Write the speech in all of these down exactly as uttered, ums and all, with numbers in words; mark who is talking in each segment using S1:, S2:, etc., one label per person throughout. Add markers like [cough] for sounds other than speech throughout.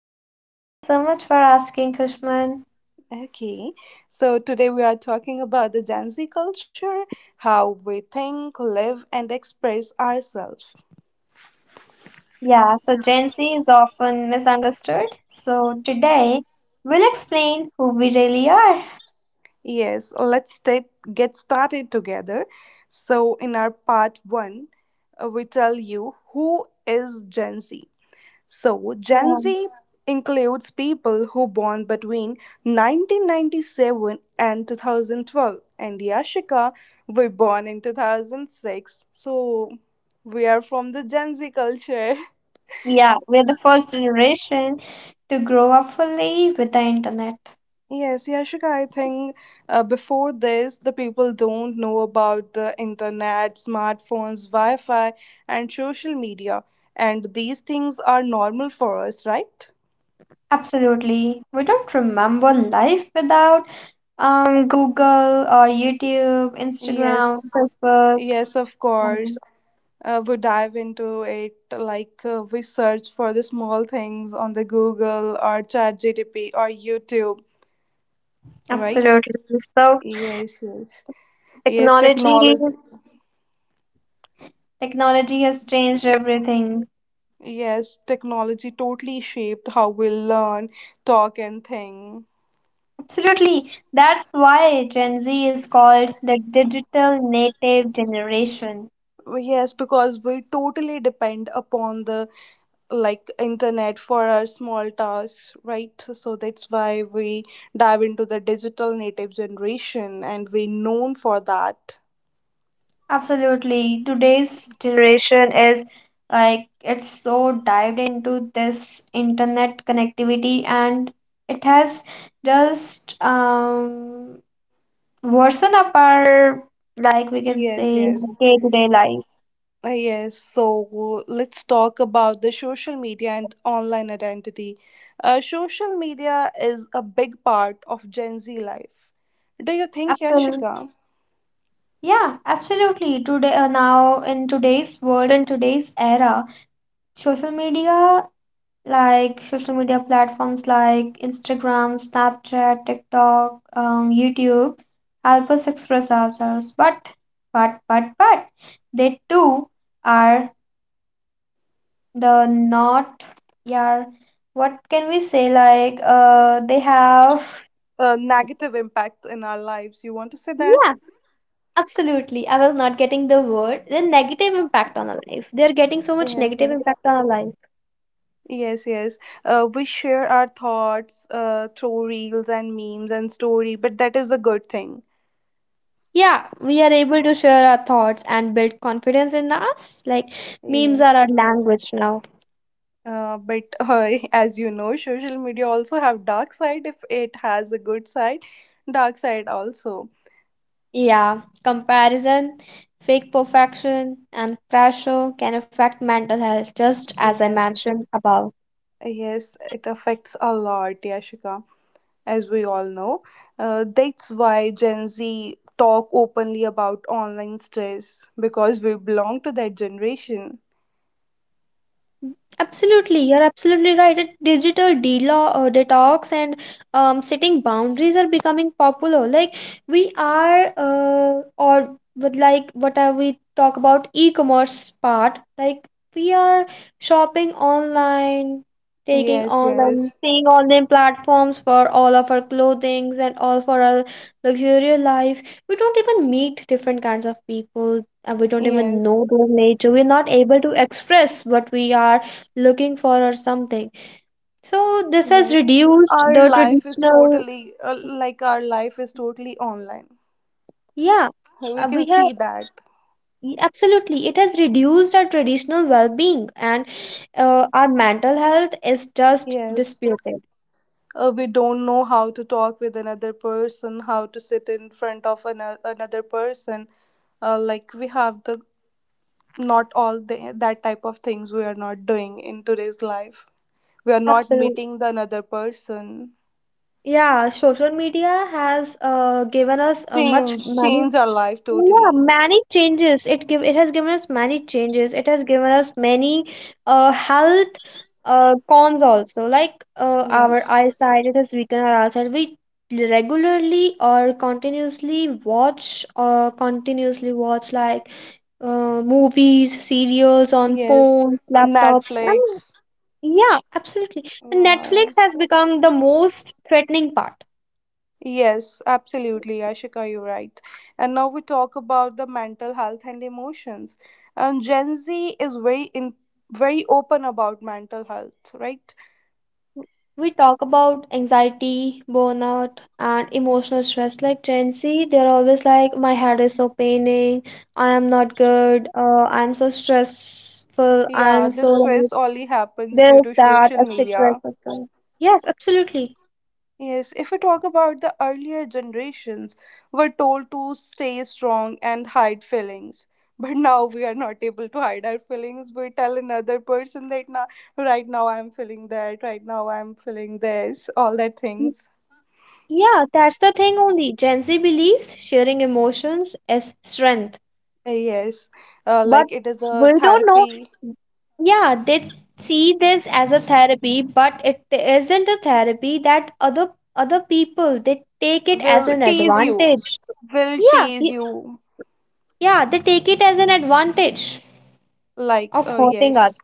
S1: I'm good. Thank you so much for asking, Kushman.
S2: Okay. So, today we are talking about the Gen Z culture, how we think, live, and express ourselves.
S1: Yeah, so Gen Z is often misunderstood. So today, we'll explain who we really are.
S2: Yes, let's ta- get started together. So, in our part one, uh, we tell you who is Gen Z. So, Gen
S1: Yeah,
S2: Z includes people who born between nineteen ninety-seven and twenty twelve, and Yashika were born in two thousand six. So, we are from the Gen Z culture. [laughs]
S1: yeah, we're the first generation to grow up fully with the internet.
S2: Yes, Yashika, I think uh, before this, the people don't know about the internet, smartphones, Wi Fi, and social media. And these things are normal for us, right?
S1: Absolutely. We don't remember life without um Google or YouTube, Instagram,
S2: Yes.
S1: Facebook.
S2: Yes, of
S1: um,
S2: course. Uh, we dive into it like uh, we search for the small things on the google or chat gdp or youtube, right.
S1: Absolutely. So
S2: Yes, yes. Yes,
S1: technology
S2: technology.
S1: technology has changed everything.
S2: Yes, technology totally shaped how we learn, talk, and think.
S1: Absolutely. That's why Gen Z is called the digital native generation.
S2: Well, yes, because we totally depend upon the like internet for our small tasks, right? So that's why we dive into the digital native generation and we known for that.
S1: Absolutely. Today's generation is like it's so dived into this internet connectivity, and it has just um worsen up our, like we can
S2: Yes,
S1: say,
S2: yes.
S1: day-to-day life.
S2: Uh, yes, so let's talk about the social media and online identity. Uh, social media is a big part of Gen Z life. Do you think,
S1: Absolutely.
S2: Yashika,
S1: Yeah, absolutely. Today, uh, now in today's world, in today's era, social media, like social media platforms like Instagram, Snapchat, TikTok, um, YouTube help us express ourselves. But, but, but, but they too are the not, yeah, what can we say? Like, uh, they have,
S2: a negative impact in our lives? You want to say
S1: yeah,
S2: that?
S1: absolutely. I was not getting the word. The negative impact on our life. They are getting so much
S2: Yes,
S1: negative
S2: yes.
S1: impact on our life.
S2: Yes, yes. Uh, we share our thoughts uh, through reels and memes and story, but that is a good thing.
S1: Yeah, we are able to share our thoughts and build confidence in us. Like memes are
S2: Yes.
S1: our language now.
S2: Uh, but uh, [laughs] as you know, social media also have dark side, if it has a good side, dark side also.
S1: Yeah, comparison, fake perfection, and pressure can affect mental health, just as I
S2: Yes,
S1: mentioned above.
S2: yes, it affects a lot, Yashika, as we all know. Uh, that's why Gen Z talk openly about online stress because we belong to that generation.
S1: Absolutely, you're absolutely right. A digital delo- uh, detox and um, setting boundaries are becoming popular. Like we are, uh, or with like what are we talk about e-commerce part? Like we are shopping online, taking
S2: Yes,
S1: online,
S2: yes,
S1: seeing online platforms for all of our clothings and all for our luxurious life. We don't even meet different kinds of people. Uh, we don't even
S2: yes,
S1: know their nature, we're not able to express what we are looking for or something. So this has
S2: yes.
S1: reduced
S2: Our
S1: the
S2: life is
S1: traditional,
S2: totally uh, like our life is totally online.
S1: yeah.
S2: We
S1: Uh,
S2: can
S1: we have,
S2: see that.
S1: y- absolutely, it has reduced our traditional well-being, and uh, our mental health is just
S2: Yes.
S1: disputed.
S2: Uh, we don't know how to talk with another person, how to sit in front of an another person. Uh, like we have the not all the, that type of things we are not doing in today's life. We are not
S1: Absolutely.
S2: meeting the another person.
S1: Yeah, social media has uh, given us uh, much
S2: change
S1: many.
S2: change our life
S1: Yeah,
S2: totally.
S1: many changes. It give it has given us many changes. It has given us many uh health uh cons also, like uh our
S2: Yes,
S1: eyesight. It has weakened our eyesight. We regularly or continuously watch, or continuously watch, like uh movies, serials on
S2: yes.
S1: phones, laptops,
S2: Netflix.
S1: and yeah, absolutely. And
S2: Yeah,
S1: Netflix
S2: yeah.
S1: has become the most threatening part.
S2: Yes, absolutely, Ashika, you're right. And now we talk about the mental health and emotions. Um, Gen Z is very in very open about mental health, right?
S1: We talk about anxiety, burnout, and emotional stress. Like Gen Z, they're always like, "My head is so paining. I am not good. Uh, I'm so stressful.
S2: Yeah,
S1: I'm so
S2: this
S1: like
S2: stress only happens due
S1: this,
S2: to
S1: that,
S2: social
S1: et cetera,
S2: media.
S1: et cetera" Yes, absolutely.
S2: Yes, if we talk about the earlier generations, were told to stay strong and hide feelings. But now we are not able to hide our feelings. We tell another person that now, right now I'm feeling that, right now I'm feeling this, all that
S1: Mm,
S2: things.
S1: yeah, that's the thing only. Gen Z believes sharing emotions is strength.
S2: Yes, uh,
S1: But
S2: like it is a
S1: we don't
S2: therapy.
S1: know. Yeah, they see this as a therapy, but it isn't a therapy, that other other people, they take it as
S2: Will
S1: an
S2: tease you.
S1: advantage.
S2: Will
S1: Yeah,
S2: tease
S1: y-
S2: you.
S1: yeah, they take it as an advantage
S2: Like,
S1: of
S2: uh,
S1: hurting
S2: yes,
S1: us.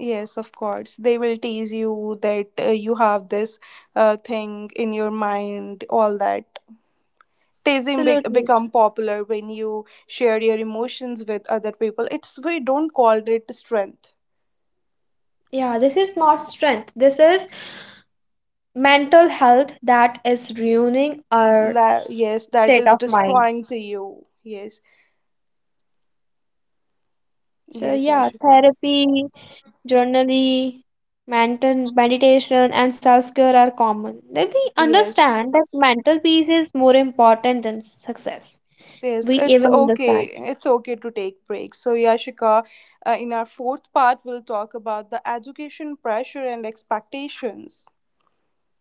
S2: yes, of course. They will tease you that uh, you have this uh, thing in your mind, all that. Teasing be-
S1: Absolutely.
S2: become popular when you share your emotions with other people. It's we don't call it strength.
S1: Yeah, this is not strength. This is mental health that is ruining our
S2: La- yes, that
S1: state
S2: is
S1: of mind.
S2: destroying to you. Yes,
S1: So
S2: yes,
S1: yeah,
S2: Yashika.
S1: therapy, journaling, mental meditation, and self care are common. Then we
S2: Yes,
S1: understand that mental peace is more important than success.
S2: yes,
S1: We
S2: it's
S1: even
S2: okay.
S1: understand.
S2: It's okay to take breaks. So, Yashika, uh, in our fourth part, we'll talk about the education pressure and expectations.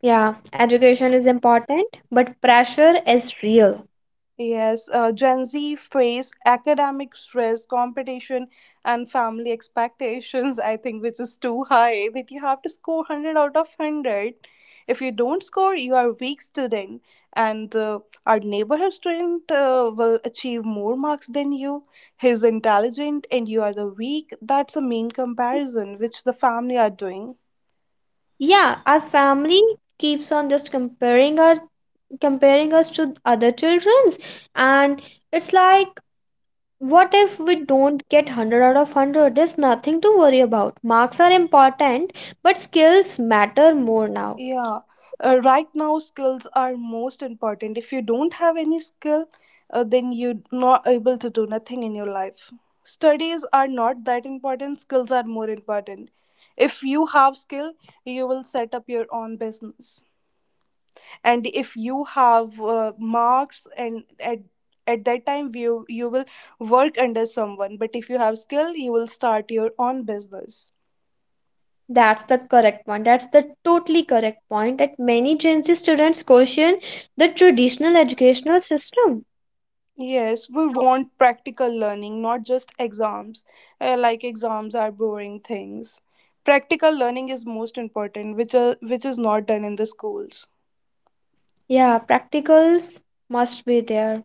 S1: Yeah, education is important, but pressure is real.
S2: Yes, uh, Gen Z face academic stress, competition, and family expectations, I think, which is too high that you have to score one hundred out of one hundred. If you don't score, you are weak student, and uh, our neighborhood student uh, will achieve more marks than you. He's intelligent, and you are the weak. That's the main comparison which the family are doing.
S1: Yeah, our family keeps on just comparing our comparing us to other children's, and it's like, what if we don't get one hundred out of one hundred? There's nothing to worry about. Marks are important, but skills matter more now.
S2: Yeah, uh, right now skills are most important. If you don't have any skill, uh, then you're not able to do nothing in your life. Studies are not that important, skills are more important. If you have skill, you will set up your own business. And if you have uh, marks and at at that time you you will work under someone, but if you have skill you will start your own business.
S1: That's the correct one. That's the totally correct point, that many Gen Z students question the traditional educational system.
S2: Yes, we want practical learning, not just exams. Uh, like exams are boring things. Practical learning is most important, which are, which is not done in the schools.
S1: Yeah, practicals must be there.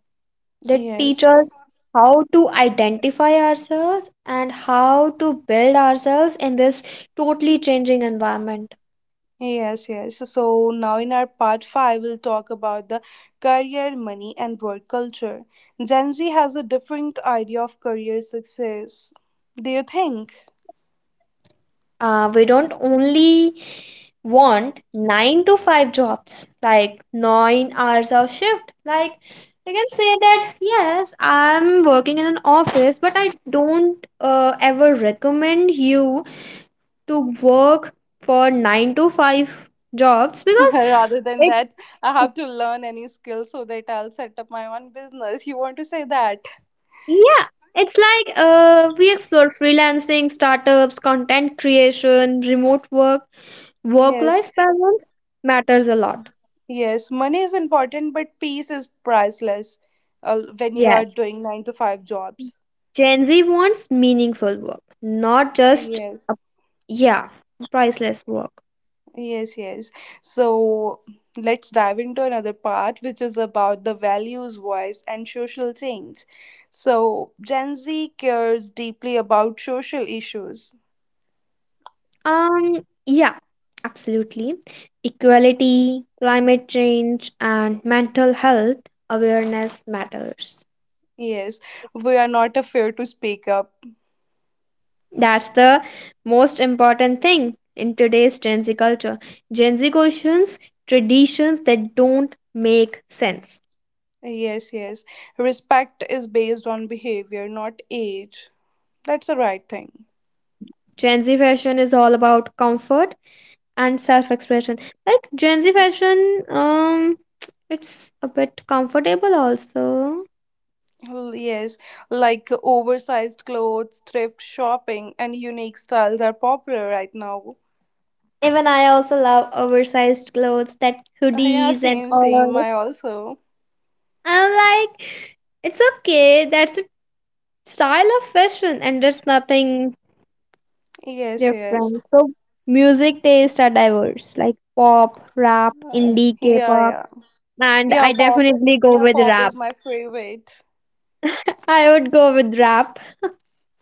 S1: They teach
S2: Yes,
S1: us how to identify ourselves and how to build ourselves in this totally changing environment.
S2: yes, yes. So now in our part five, we'll talk about the career, money, and work culture. Gen Z has a different idea of career success. Do you think?
S1: Uh, we don't only want nine to five jobs, like nine hours of shift. Like, I can say that yes, I'm working in an office, but I don't uh, ever recommend you to work for nine to five jobs
S2: [laughs]
S1: because
S2: Rather than
S1: it,
S2: that, I have to learn any skill so that I'll set up my own business. You want to say that?
S1: yeah, it's like uh, we explore freelancing, startups, content creation, remote work. Work
S2: Yes.
S1: life balance matters a lot.
S2: Yes, money is important, but peace is priceless uh, when you are
S1: Yes,
S2: doing nine to five jobs.
S1: Gen Z wants meaningful work, not just
S2: Yes,
S1: a, yeah, priceless work.
S2: yes, yes. So let's dive into another part, which is about the values, voice, and social change. So Gen Z cares deeply about social issues.
S1: Um yeah, absolutely. Equality, climate change, and mental health awareness matters.
S2: Yes, we are not afraid to speak up.
S1: That's the most important thing in today's Gen Z culture. Gen Z questions traditions that don't make sense.
S2: Yes, yes. Respect is based on behavior, not age. That's the right thing.
S1: Gen Z fashion is all about comfort and self-expression. Like Gen Z fashion, um it's a bit comfortable also.
S2: Well, yes, like uh, oversized clothes, thrift shopping, and unique styles are popular right now.
S1: Even I also love oversized clothes, that
S2: Uh, yeah,
S1: hoodies and
S2: same, same.
S1: all.
S2: I also.
S1: I'm like, it's okay, that's a style of fashion and there's nothing
S2: Yes, yes.
S1: different. So music tastes are diverse, like pop, rap,
S2: Uh,
S1: indie,
S2: yeah,
S1: k-pop,
S2: yeah.
S1: and
S2: Yeah,
S1: I
S2: pop.
S1: definitely go
S2: Yeah,
S1: with
S2: pop is
S1: rap.
S2: my favorite.
S1: I would go with rap.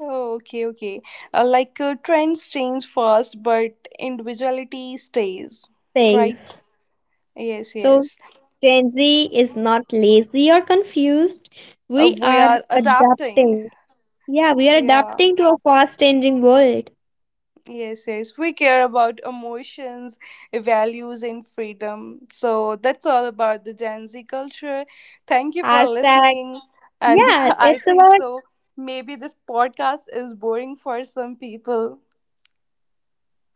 S2: Oh, okay, okay. Uh, like uh, trends change fast, but individuality stays, right?
S1: Phase.
S2: Yes,
S1: So
S2: yes.
S1: Gen Z is not lazy or confused.
S2: Uh,
S1: We
S2: we
S1: are
S2: are adapting.
S1: adapting. Yeah, we are
S2: Yeah.
S1: adapting to a fast changing world.
S2: Yes, yes. We care about emotions, values, and freedom. So that's all about the Gen Z culture. Thank you for
S1: Hashtag,
S2: listening. And [laughs]
S1: yeah,
S2: I
S1: it's
S2: think
S1: about
S2: so. Maybe this podcast is boring for some people.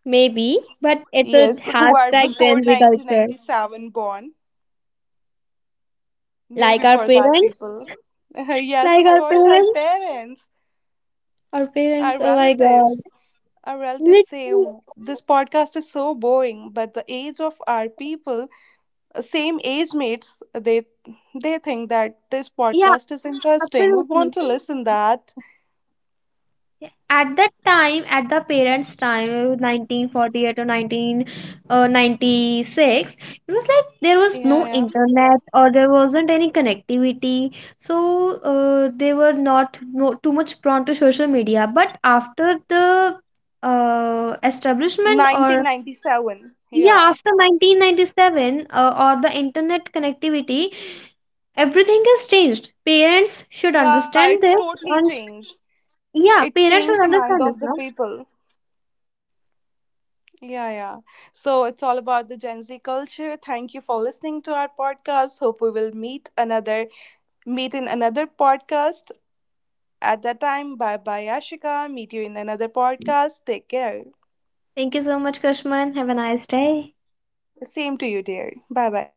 S1: maybe, but it's a
S2: Yes, who are
S1: hashtag
S2: before
S1: Gen Z culture.
S2: nineteen ninety-seven born.
S1: Like
S2: Maybe
S1: our
S2: for that
S1: parents,
S2: people. [laughs] Yes,
S1: like
S2: of
S1: our
S2: course, our
S1: parents,
S2: parents,
S1: our
S2: our
S1: parents, oh my god.
S2: relatives. Our relatives say,
S1: Literally,
S2: "Oh, this podcast is so boring," but the age of our people, same age mates, they they think that this
S1: yeah,
S2: podcast is interesting, we
S1: absolutely.
S2: want to listen that.
S1: At that time, at the parents time, uh, nineteen forty-eight, or nineteen uh, ninety-six, it was like there
S2: Yeah,
S1: was
S2: yeah.
S1: no internet, or there wasn't any connectivity. So uh, they were not, no, too much prone to social media, but after the uh, establishment, or
S2: nineteen ninety-seven, yeah,
S1: yeah, after nineteen ninety-seven, uh, or the internet connectivity, everything has changed. Parents should
S2: yeah, it's
S1: understand this,
S2: totally
S1: and
S2: changed.
S1: yeah,
S2: It
S1: parents
S2: changed
S1: should
S2: the mind
S1: understand this
S2: of the
S1: now.
S2: people. Yeah, yeah. So it's all about the Gen Z culture. Thank you for listening to our podcast. Hope we will meet another meet in another podcast. At that time, bye bye, Ashika. Meet you in another podcast. Take care.
S1: Thank you so much, Kushman. Have a nice day.
S2: Same to you, dear. Bye bye.